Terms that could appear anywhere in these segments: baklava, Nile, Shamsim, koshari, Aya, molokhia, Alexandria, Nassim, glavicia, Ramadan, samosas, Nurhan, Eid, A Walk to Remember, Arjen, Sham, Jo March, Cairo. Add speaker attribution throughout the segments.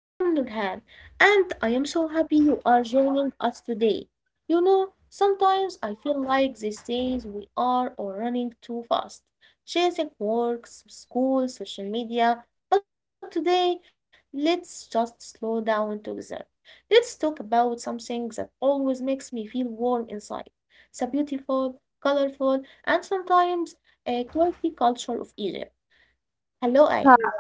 Speaker 1: I am Nurhan and I am so happy you are joining us today. You know, sometimes I feel like these days we are all running too fast, chasing work, school, social media. But today, let's just slow down together. Let's talk about something that always makes me feel warm inside. The beautiful, colorful, and sometimes a quirky culture of Egypt. Hello, Aya.
Speaker 2: Hi,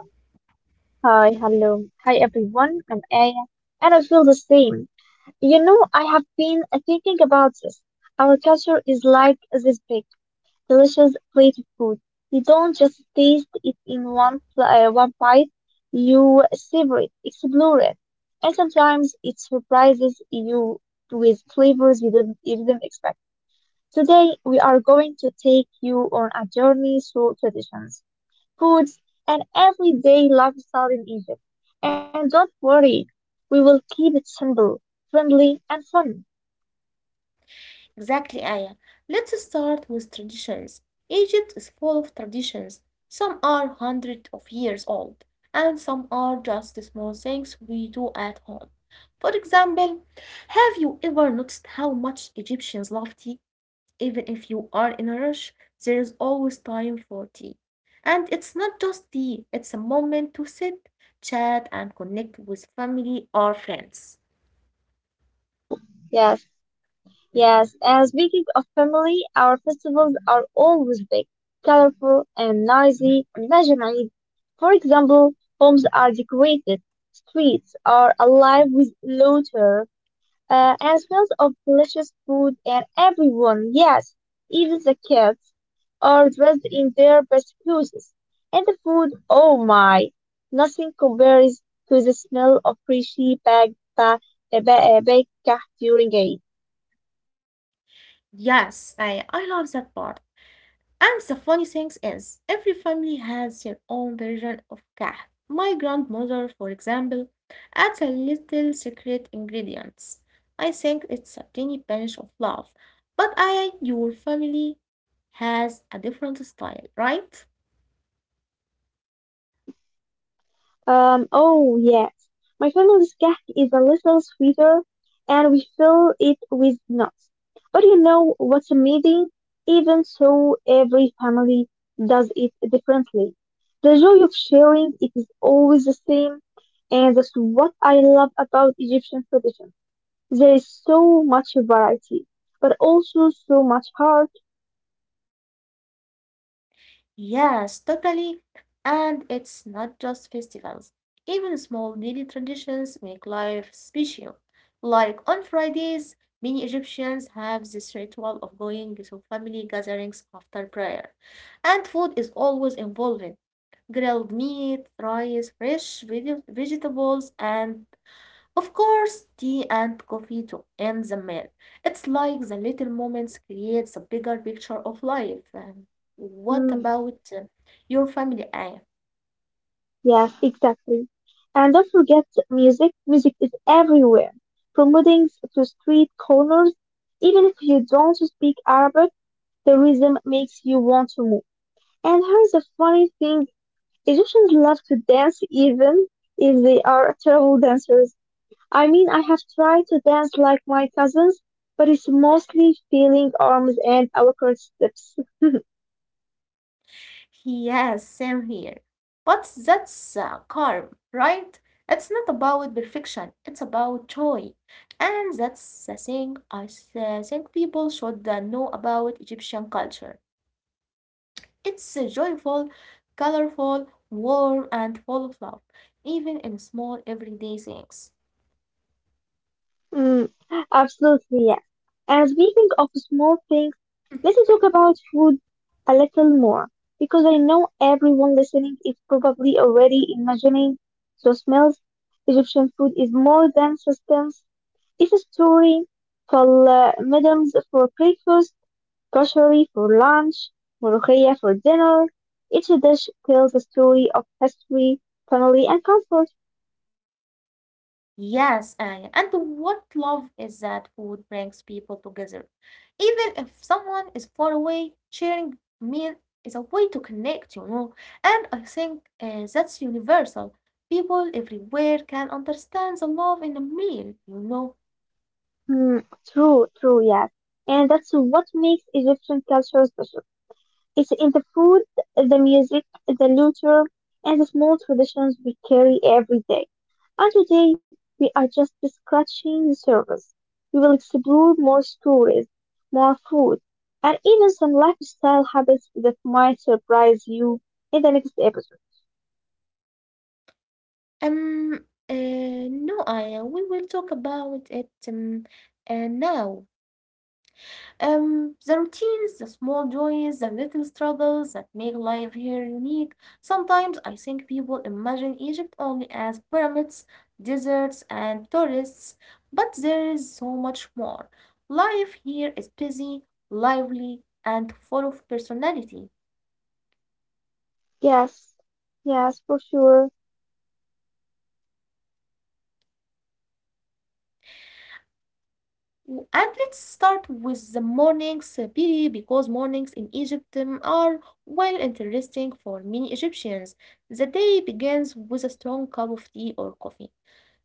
Speaker 2: hello. Hi everyone, I'm Aya, and I feel the same. You know, I have been thinking about this. Our culture is like this big, delicious plate of food. You don't just taste it in one bite, you savor it, explore it. And sometimes it surprises you with flavors you didn't expect. Today, we are going to take you on a journey through traditions. Foods and everyday lifestyle in Egypt. And don't worry, we will keep it simple, friendly, and fun.
Speaker 1: Exactly, Aya. Let's start with traditions. Egypt is full of traditions. Some are hundreds of years old, and some are just small things we do at home. For example, have you ever noticed how much Egyptians love tea? Even if you are in a rush, there is always time for tea. And it's not just tea, it's a moment to sit, chat, and connect with family or friends.
Speaker 2: Oh, yes, yes, and speaking of family, our festivals are always big, colorful, and noisy. Imagine Eid. For example, homes are decorated, streets are alive with laughter, and smells of delicious food, and everyone, yes, even the kids, are dressed in their best clothes. And the food, oh my, nothing compares to the smell of freshly baked cake during Eid.
Speaker 1: Yes, I love that part. And the funny thing is, every family has their own version of kahf. My grandmother, for example, adds a little secret ingredients. I think it's a tiny pinch of love. But I, your family has a different style, right?
Speaker 2: Oh yes. My family's cake is a little sweeter and we fill it with nuts. But you know what's amazing? Even so, every family does it differently. The joy of sharing it is always the same, and that's what I love about Egyptian tradition. There is so much variety, but also so much heart.
Speaker 1: Yes, totally. And it's not just festivals. Even small daily traditions make life special. Like on Fridays, many Egyptians have this ritual of going to family gatherings after prayer. And food is always involved. Grilled meat, rice, fresh vegetables, and of course, tea and coffee to end the meal. It's like the little moments creates a bigger picture of life. What
Speaker 2: Hmm.
Speaker 1: about your family, Aya?
Speaker 2: Yes, exactly. And don't forget music. Music is everywhere, from weddings to street corners. Even if you don't speak Arabic, the rhythm makes you want to move. And here's the funny thing, Egyptians love to dance even if they are terrible dancers. I mean, I have tried to dance like my cousins, but it's mostly feeling arms and awkward steps.
Speaker 1: Yes, same here. But that's calm, right? It's not about perfection. It's about joy, and that's the thing I think people should know about Egyptian culture. It's joyful, colorful, warm, and full of love, even in small everyday things.
Speaker 2: Mm, Absolutely, yes. And speaking of small things, let's talk about food a little more because I know everyone listening is probably already imagining the smells. Egyptian food is more than sustenance. It's a story. For Meals for breakfast, grocery for lunch, molokhia for dinner. Each dish tells a story of history, family, and comfort.
Speaker 1: Yes, Aya, and what love is that food brings people together. Even if someone is far away, sharing meal is a way to connect, you know. And I think that's universal. People everywhere can understand the love in a meal, you know.
Speaker 2: Mm, true, yes. And that's what makes Egyptian culture special. It's in the food, the music, the literature, and the small traditions we carry every day. And today, we are just scratching the surface. We will explore more stories, more food, and even some lifestyle habits that might surprise you in the next episode.
Speaker 1: Um, uh, no, Aya, we will talk about it now. The routines, the small joys, the little struggles that make life here unique. Sometimes I think people imagine Egypt only as pyramids, deserts, and tourists, but there is so much more. Life here is busy, lively, and full of personality.
Speaker 2: Yes, yes, for sure.
Speaker 1: And let's start with the mornings, because mornings in Egypt are well interesting for many Egyptians. The day begins with a strong cup of tea or coffee.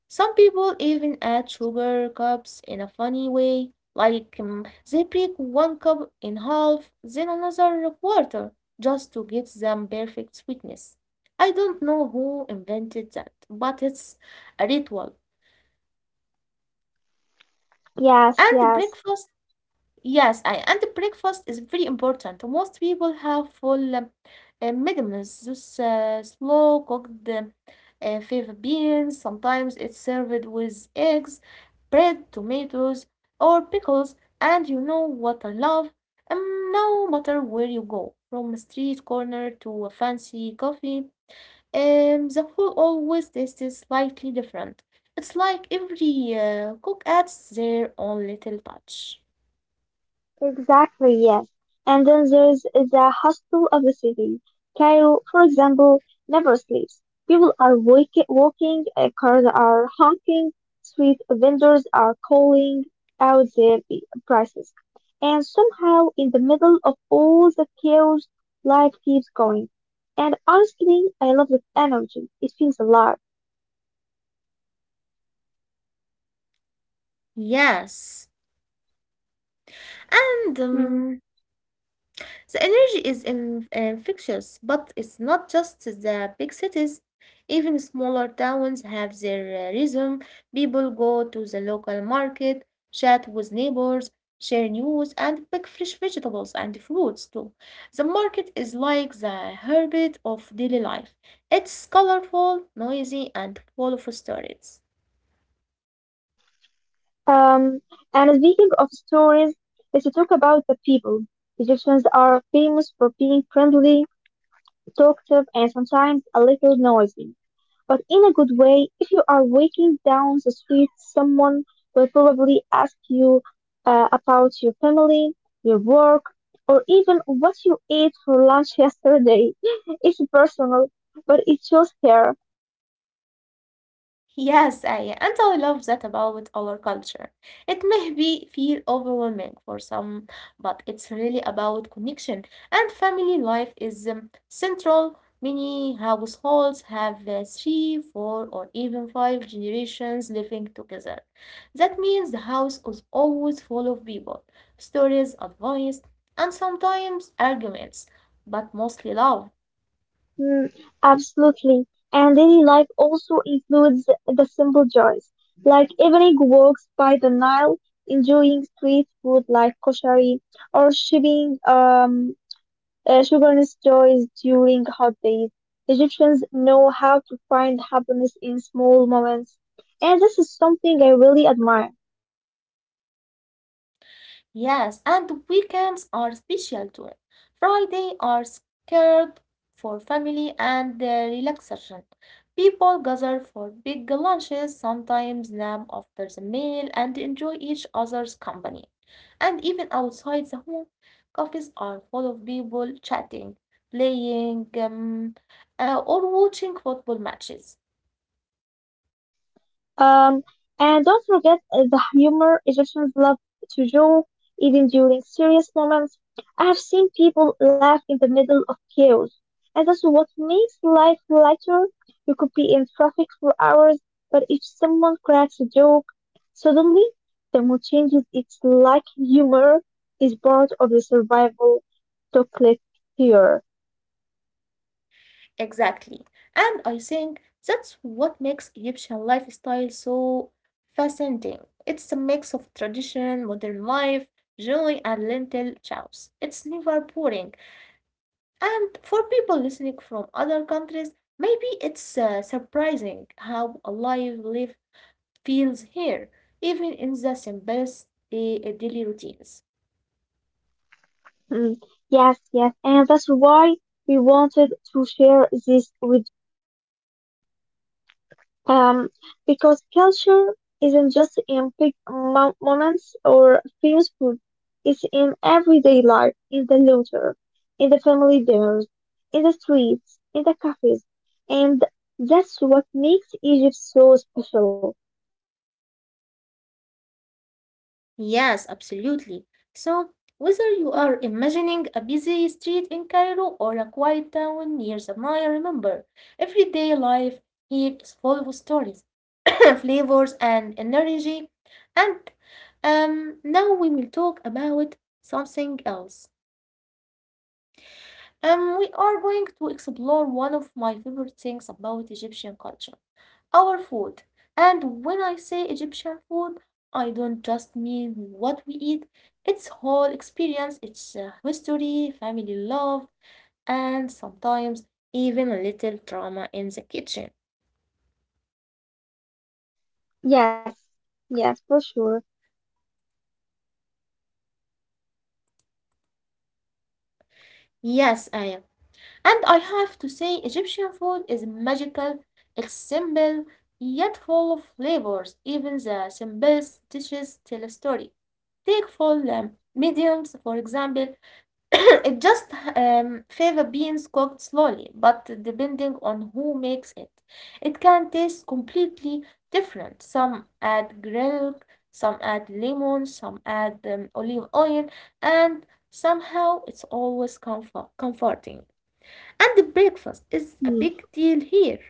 Speaker 1: Some people even add sugar cups in a funny way, like they break one cup in half, then another quarter, just to get them perfect sweetness. I don't know who invented that, but it's a ritual.
Speaker 2: Yes,
Speaker 1: And
Speaker 2: yes.
Speaker 1: breakfast and the breakfast is very important. Most people have full mid meals, those slow cooked fava beans. Sometimes it's served with eggs, bread, tomatoes, or pickles. And you know what I love? No matter where you go, from a street corner to a fancy coffee, the food always tastes slightly different. It's like every cook adds their own little touch.
Speaker 2: Exactly, yes. And then there's the hustle of the city. Cairo, for example, never sleeps. People are walking, cars are honking, street vendors are calling out their prices. And somehow, in the middle of all the chaos, life keeps going. And honestly, I love that energy. It feels alive.
Speaker 1: Yes, and
Speaker 2: Hmm.
Speaker 1: the energy is infectious, but it's not just the big cities. Even smaller towns have their rhythm. People go to the local market, chat with neighbors, share news, and pick fresh vegetables and fruits too. The market is like the heartbeat of daily life. It's colorful, noisy, and full of stories.
Speaker 2: Um, and speaking of stories, let's talk about the people. Egyptians are famous for being friendly, talkative, and sometimes a little noisy, but in a good way. If you are walking down the street, someone will probably ask you about your family, your work, or even what you ate for lunch yesterday. It's personal, but it shows care.
Speaker 1: Yes, Aya, and I love that about our culture. It may be feel overwhelming for some, but it's really about connection. And family life is central. Many households have three, four, or even five generations living together. That means the house is always full of people, stories, advice, and sometimes arguments, but mostly love.
Speaker 2: Mm, Absolutely. And daily life also includes the simple joys, like evening walks by the Nile, enjoying street food like koshari, or shipping sugarless joys during hot days. Egyptians know how to find happiness in small moments, and this is something I really admire.
Speaker 1: Yes, and the weekends are special too. Friday are scared for family and relaxation. People gather for big lunches, sometimes nap after the meal, and enjoy each other's company. And even outside the home, cafes are full of people chatting, playing, or watching football matches.
Speaker 2: Um, and don't forget the humor, Egyptians love to joke, even during serious moments. I have seen people laugh in the middle of chaos, and that's what makes life lighter. You could be in traffic for hours, but if someone cracks a joke, suddenly the mood changes. It's like humor is part of the survival chocolate here.
Speaker 1: Exactly. And I think that's what makes Egyptian lifestyle so fascinating. It's a mix of tradition, modern life, joy, and lentil chows. It's never boring. And for people listening from other countries, maybe it's surprising how alive life feels here, even in the simplest uh, daily routines.
Speaker 2: Mm, Yes, yes, and that's why we wanted to share this with. Um, because culture isn't just in big moments or famous food, it's in everyday life, in the litter, in the family dinners, in the streets, in the cafes, and that's what makes Egypt so special.
Speaker 1: Yes, absolutely. So, whether you are imagining a busy street in Cairo or a quiet town near the Nile, remember, everyday life here is full of stories, flavors, and energy. And now we will talk about something else. We are going to explore one of my favorite things about Egyptian culture. Our food. And when I say Egyptian food, I don't just mean what we eat, its whole experience, its history, family love, and sometimes even a little drama in the kitchen.
Speaker 2: Yes, yes, for sure.
Speaker 1: Yes, I am. And I have to say, Egyptian food is magical, it's simple, yet full of flavors. Even the simplest dishes tell a story. Take full mediums, for example. It just fava beans cooked slowly, but depending on who makes it, it can taste completely different. Some add garlic, some add lemon, some add olive oil, and somehow it's always comforting. And the breakfast is
Speaker 2: Mm,
Speaker 1: a big deal here.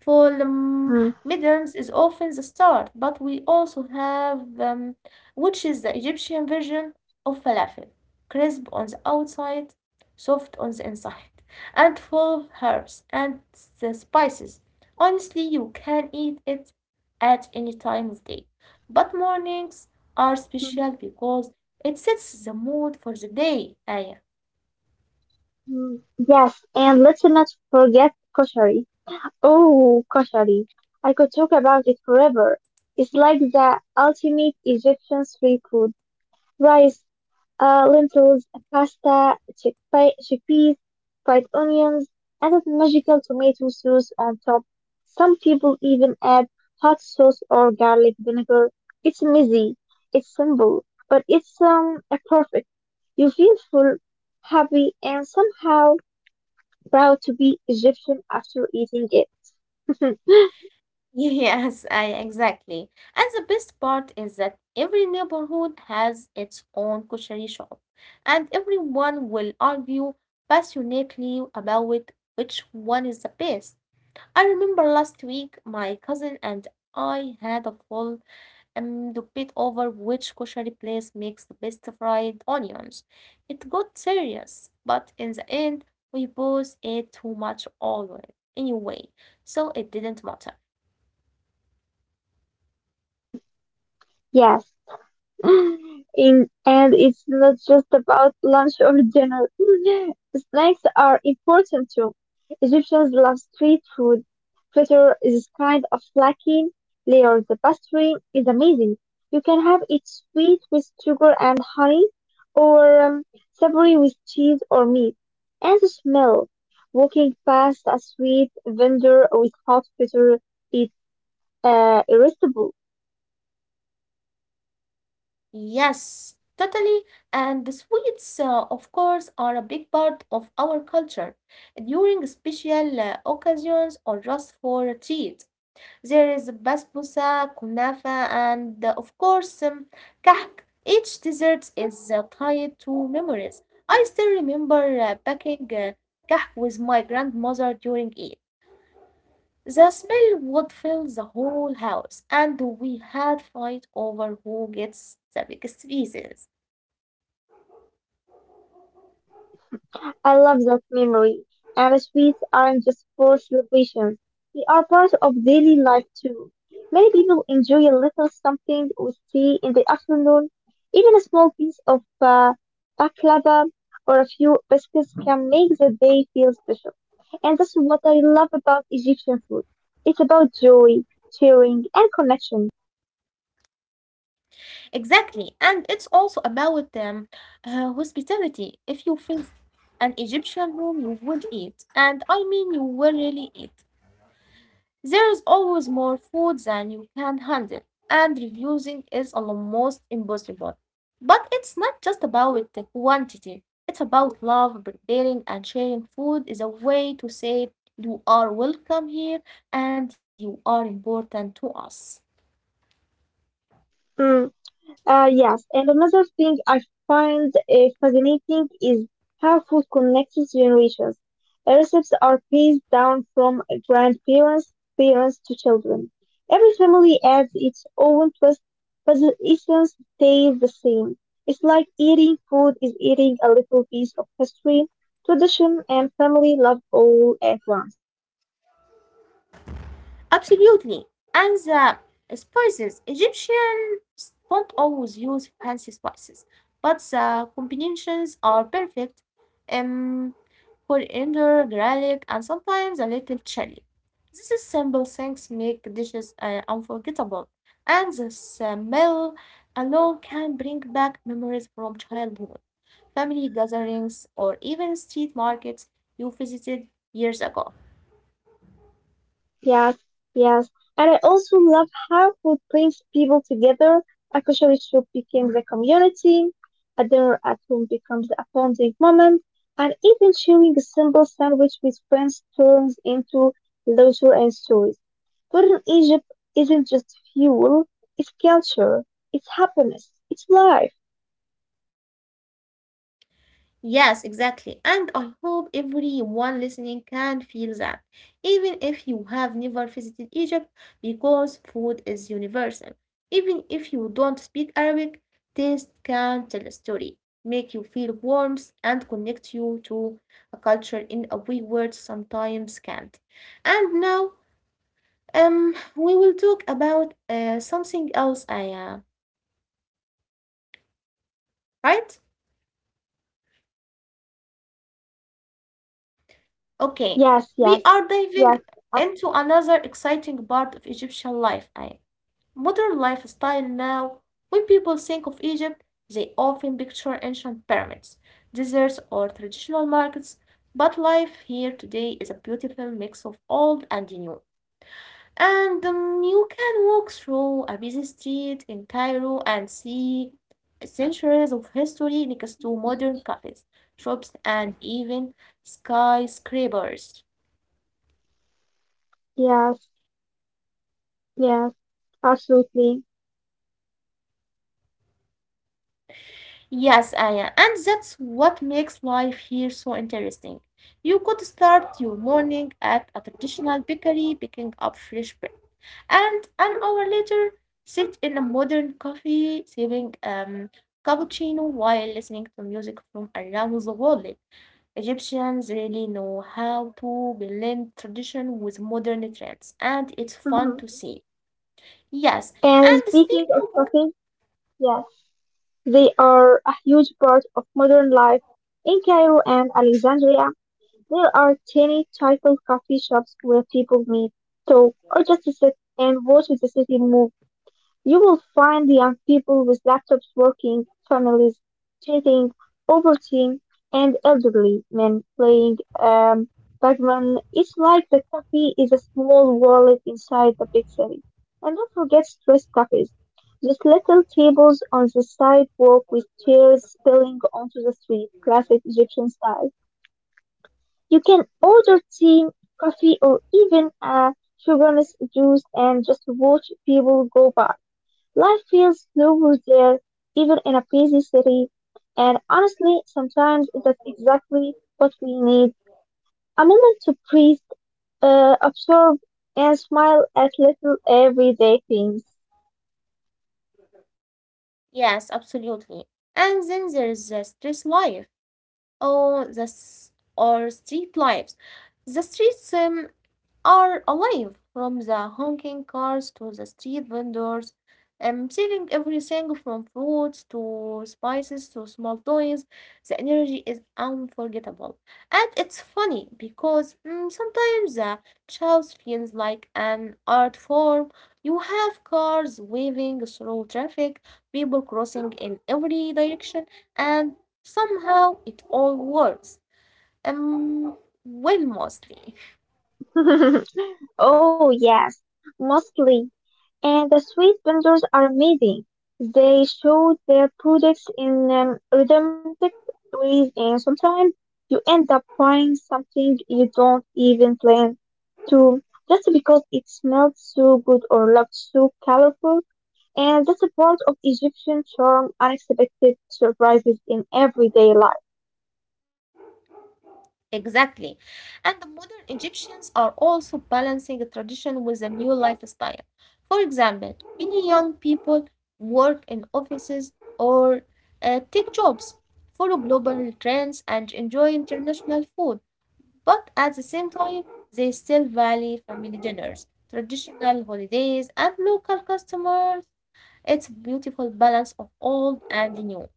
Speaker 1: For
Speaker 2: mm,
Speaker 1: mediums is often the start, but we also have which is the Egyptian version of falafel, crisp on the outside, soft on the inside, and full of herbs and the spices. Honestly, you can eat it at any time of day, but mornings are special
Speaker 2: mm,
Speaker 1: because it sets the mood for the day. Aya.
Speaker 2: mm. Yes, and let's not forget koshari. Oh, koshari. I could talk about it forever. It's like the ultimate Egyptian street food: rice, lentils, pasta, chickpeas, fried onions, and that magical tomato sauce on top. Some people even add hot sauce or garlic vinegar. It's messy, it's simple, but it's perfect. You feel full, happy, and somehow proud to be Egyptian after eating it.
Speaker 1: Yes, I exactly. And the best part is that every neighborhood has its own kushari shop, and everyone will argue passionately about which one is the best. I remember last week my cousin and I had a full debate over which kushari place makes the best fried onions. It got serious, but in the end, we both ate too much oil anyway, so it didn't matter.
Speaker 2: Yes. And it's not just about lunch or dinner. Snacks are important too. Egyptians love street food. Fritter is a kind of flaky layered pastry, is amazing. You can have it sweet with sugar and honey, or savory with cheese or meat. And the smell. Walking past a sweet vendor with hot fritter is irresistible.
Speaker 1: Yes, totally. And the sweets, of course, are a big part of our culture. During special occasions or just for a treat, there is basbousa, kunafa, and of course, kahk. Each dessert is tied to memories. I still remember packing kahk with my grandmother during Eid. The smell would fill the whole house, and we had fight over who gets the biggest pieces.
Speaker 2: I love that memory. And sweets aren't just for celebrations, they are part of daily life too. Many people enjoy a little something with tea in the afternoon. Even a small piece of baklava or a few biscuits can make the day feel special. And that's what I love about Egyptian food. It's about joy, sharing, and connection.
Speaker 1: Exactly, and it's also about hospitality. If you faced an Egyptian room, you would eat, and I mean, you will really eat. There is always more food than you can handle, and refusing is almost impossible. But it's not just about the quantity, it's about love, preparing, and sharing food is a way to say you are welcome here and you are important to us.
Speaker 2: Mm. Yes, and another thing I find fascinating is how food connects generations. Recipes are passed down from grandparents, parents to children. Every family adds its own twist, but the essence stays the same. It's like eating food is eating a little piece of history, tradition, and family love all at once.
Speaker 1: Absolutely. And the spices. Egyptians don't always use fancy spices, but the combinations are perfect. Um, Coriander, garlic, and sometimes a little chili. These simple things make dishes unforgettable, and the smell alone can bring back memories from childhood, family gatherings, or even street markets you visited years ago.
Speaker 2: Yes, yes. And I also love how food brings people together. A kosher shop becomes a community, a dinner at home becomes a bonding moment, and even sharing a simple sandwich with friends turns into laughter and stories. Food in Egypt isn't just fuel, it's culture, it's happiness, it's life.
Speaker 1: Yes, exactly. And I hope everyone listening can feel that, even if you have never visited Egypt, because food is universal. Even if you don't speak Arabic, taste can tell a story, make you feel warmth, and connect you to a culture in a way words sometimes can't. And now, we will talk about something else, Aya, right? Okay,
Speaker 2: Yes,
Speaker 1: we
Speaker 2: yes,
Speaker 1: are diving
Speaker 2: yes, uh,
Speaker 1: into another exciting part of Egyptian life, I modern lifestyle now. When people think of Egypt, they often picture ancient pyramids, deserts, or traditional markets. But life here today is a beautiful mix of old and new. And you can walk through a busy street in Cairo and see centuries of history next to modern cafes, shops, and even skyscrapers.
Speaker 2: yes, yes, absolutely.
Speaker 1: Yes, Aya, and that's what makes life here so interesting. You could start your morning at a traditional bakery picking up fresh bread, and an hour later sit in a modern cafe sipping cappuccino while listening to music from around the world. Egyptians really know how to blend tradition with modern trends, and it's fun to
Speaker 2: Hmm.
Speaker 1: see. Yes,
Speaker 2: And
Speaker 1: and
Speaker 2: speaking
Speaker 1: speaking
Speaker 2: of cooking, yes. They are a huge part of modern life. In Cairo and Alexandria, there are tiny typical coffee shops where people meet, talk, or just sit and watch the city move. You will find young people with laptops working, families chatting, overeating, and elderly men playing Pac-Man. It's like the cafe is a small wallet inside the big city. And don't forget stress cafes. Those little tables on the sidewalk with chairs spilling onto the street, classic Egyptian style. You can order tea, coffee, or even a sugarless juice and just watch people go by. Life feels slower there, even in a busy city. And honestly, sometimes that's exactly what we need. A moment to breathe, absorb, and smile at little everyday things.
Speaker 1: Yes, absolutely. And then there's the stress life. Oh, this or street lives. The streets are alive from the honking cars to the street vendors selling everything from fruits to spices to small toys. The energy is unforgettable. And it's funny because sometimes the chaos feels like an art form. You have cars waving through traffic, people crossing in every direction, and somehow it all works. Um, well, mostly.
Speaker 2: Oh, yes, mostly. And the street vendors are amazing. They show their products in rhythmic ways, and sometimes you end up buying something you don't even plan to, just because it smelled so good or looked so colorful. And that's a part of Egyptian charm, unexpected surprises in everyday life.
Speaker 1: Exactly. And the modern Egyptians are also balancing the tradition with a new lifestyle. For example, many young people work in offices or take jobs, follow global trends, and enjoy international food. But at the same time, they still value family dinners, traditional holidays, and local customers. It's a beautiful balance of old and new.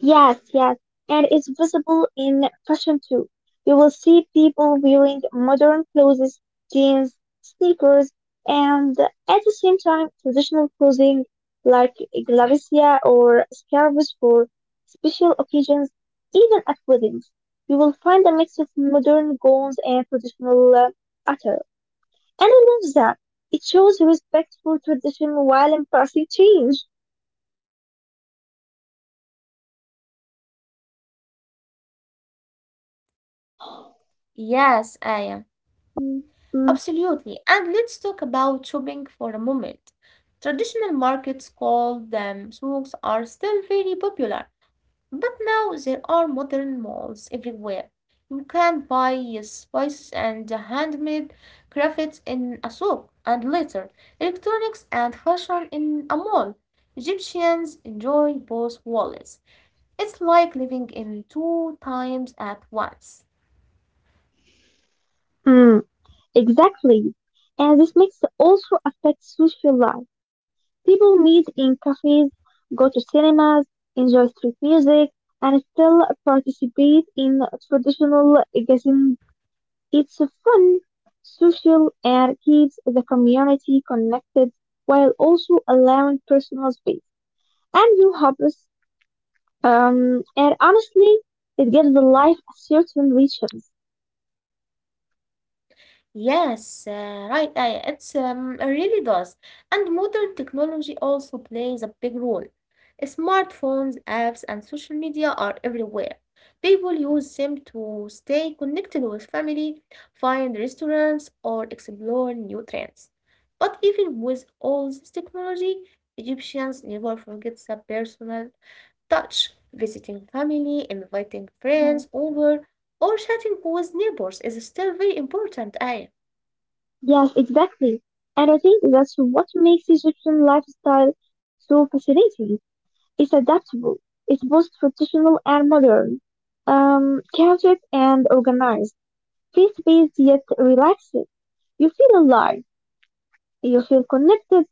Speaker 2: Yes, yes, and it's visible in fashion too. You will see people wearing modern clothes, jeans, sneakers, and at the same time, traditional clothing like glavicia or scarves for special occasions, even at weddings. You will find a mix of modern gowns and traditional attire. And I love that. It shows respect for tradition while embracing change.
Speaker 1: Yes, I am.
Speaker 2: Mm, mm,
Speaker 1: Absolutely. And let's talk about shopping for a moment. Traditional markets called them souks are still very popular, but now there are modern malls everywhere. You can buy spices and handmade crafts in a souk, and later electronics and fashion in a mall. Egyptians enjoy both worlds. It's like living in two times at once.
Speaker 2: mm. Exactly. And this mix also affects social life. People meet in cafes, go to cinemas, enjoy street music, and still participate in traditional gatherings. It's fun, social, and keeps the community connected while also allowing personal space and new hobbies. And honestly, it gives life a certain richness.
Speaker 1: Yes, right. I, it's it really does. And modern technology also plays a big role. Smartphones, apps, and social media are everywhere. People use them to stay connected with family, find restaurants, or explore new trends. But even with all this technology, Egyptians never forget the personal touch, visiting family, inviting friends over, or chatting with neighbors is still very important, Aya.
Speaker 2: Yes, exactly. And I think that's what makes Egyptian lifestyle so fascinating. It's adaptable. It's both traditional and modern, cultured and organized, faith-based yet relaxed. You feel alive. You feel connected.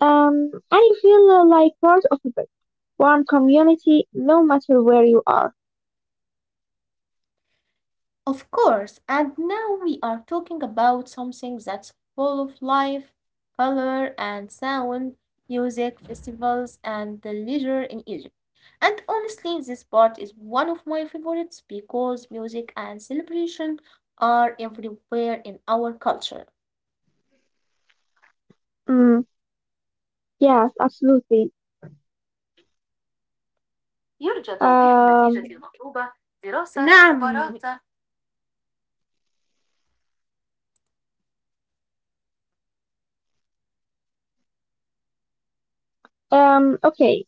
Speaker 2: And you feel like part of a big, warm community, no matter where you are.
Speaker 1: Of course, and now we are talking about something that's full of life, color, and sound, music, festivals, and the leisure in Egypt. And honestly, this part is one of my favorites because music and celebration are everywhere in our culture.
Speaker 2: Mm, yes, absolutely.
Speaker 1: يرجى توضيح النتيجة
Speaker 2: Um,
Speaker 1: المطلوبة دراسة نعم مقارنة
Speaker 2: Okay.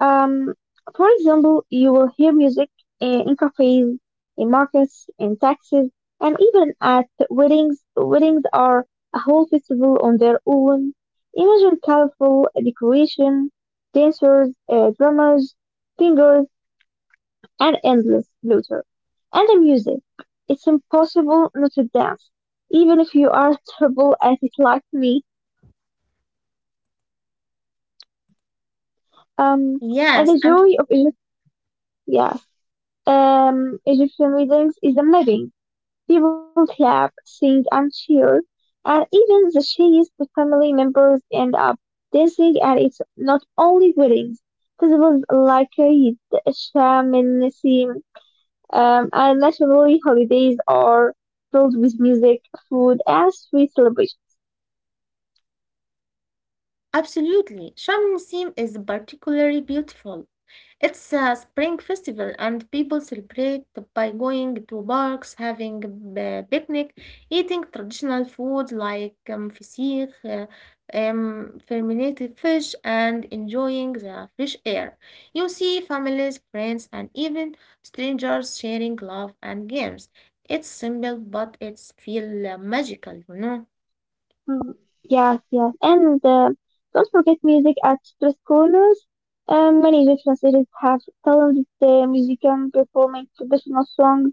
Speaker 2: Um, for example, you will hear music in cafes, in markets, in taxis, and even at weddings. Weddings are a whole festival on their own. Imagine colorful decoration, dancers, drummers, singers, and endless laughter. And the music. It's impossible not to dance, even if you are terrible at it like me. Um,
Speaker 1: Yes,
Speaker 2: and the
Speaker 1: and
Speaker 2: joy of it, yeah. Egyptian weddings is amazing. People clap, sing, and cheer, and even the sheikhs, the family members, end up dancing. And it's not only weddings. Festivals like Eid, Sham, and Nassim, and nationally holidays are filled with music, food, and sweet celebrations.
Speaker 1: absolutely. Shamsim is particularly beautiful. It's a spring festival, and people celebrate by going to parks, having a picnic, eating traditional food like fisikh, fermented fish, and enjoying the fresh air. You see families, friends, and even strangers sharing love and games. It's simple, but it's feel magical, you know.
Speaker 2: Mhm. Yes, yes. And don't forget music at street corners. Many Egyptian cities have talented musicians performing traditional songs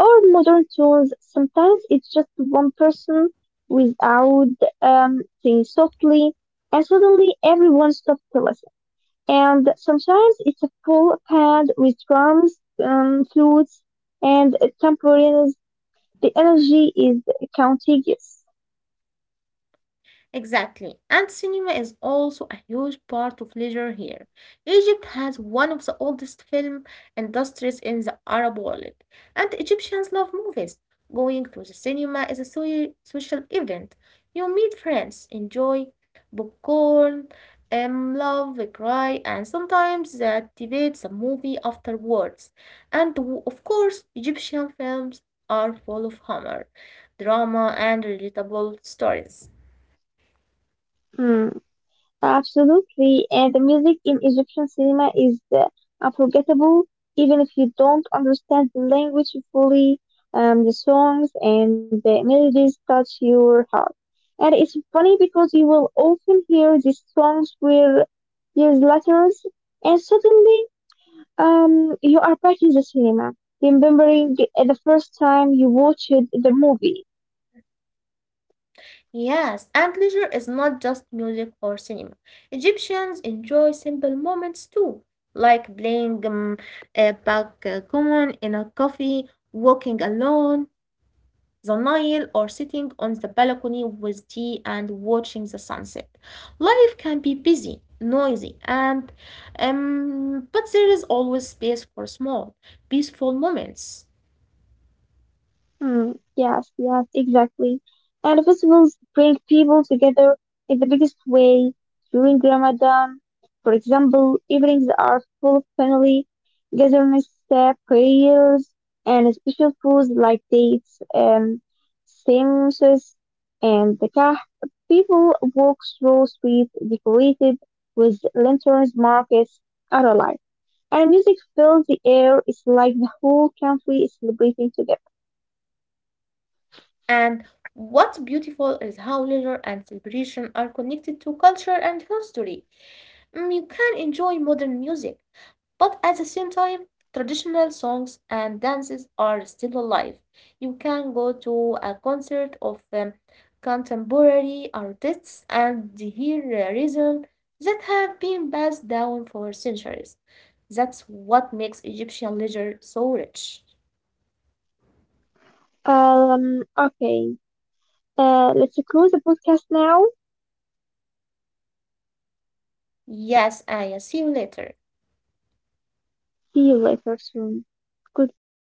Speaker 2: or modern tunes. Sometimes it's just one person without singing softly, and suddenly everyone stops to listen. And sometimes it's a full band with drums, flutes, and tambourines. The energy is contagious.
Speaker 1: Exactly. And cinema is also a huge part of leisure here. Egypt has one of the oldest film industries in the Arab world, and Egyptians love movies. Going to the cinema is a social event. You meet friends, enjoy popcorn, love, cry, and sometimes debate the movie afterwards. And of course, Egyptian films are full of humor, drama, and relatable stories.
Speaker 2: Hmm. Absolutely, and the music in Egyptian cinema is unforgettable, even if you don't understand the language fully. The songs and the melodies touch your heart. And it's funny because you will often hear these songs where years later, and suddenly you are back in the cinema, remembering the first time you watched the movie.
Speaker 1: Yes, and leisure is not just music or cinema. Egyptians enjoy simple moments too, like playing a backgammon in a coffee, walking alone, the Nile, or sitting on the balcony with tea and watching the sunset. Life can be busy, noisy, and but there is always space for small, peaceful moments.
Speaker 2: Hmm. Yes, yes, exactly. And festivals bring people together in the biggest way during Ramadan. For example, evenings are full of family gatherings, prayers, and special foods like dates, samosas, and the kah. People walk through streets decorated with lanterns, markets are alive. And music fills the air. It's like the whole country is celebrating together.
Speaker 1: And what's beautiful is how leisure and celebration are connected to culture and history. Mm, you can enjoy modern music, but at the same time, traditional songs and dances are still alive. You can go to a concert of contemporary artists and hear rhythm that have been passed down for centuries. That's what makes Egyptian leisure so rich.
Speaker 2: Okay. Let's close the podcast now.
Speaker 1: Yes, Aya, see you later.
Speaker 2: See you later soon. Goodbye.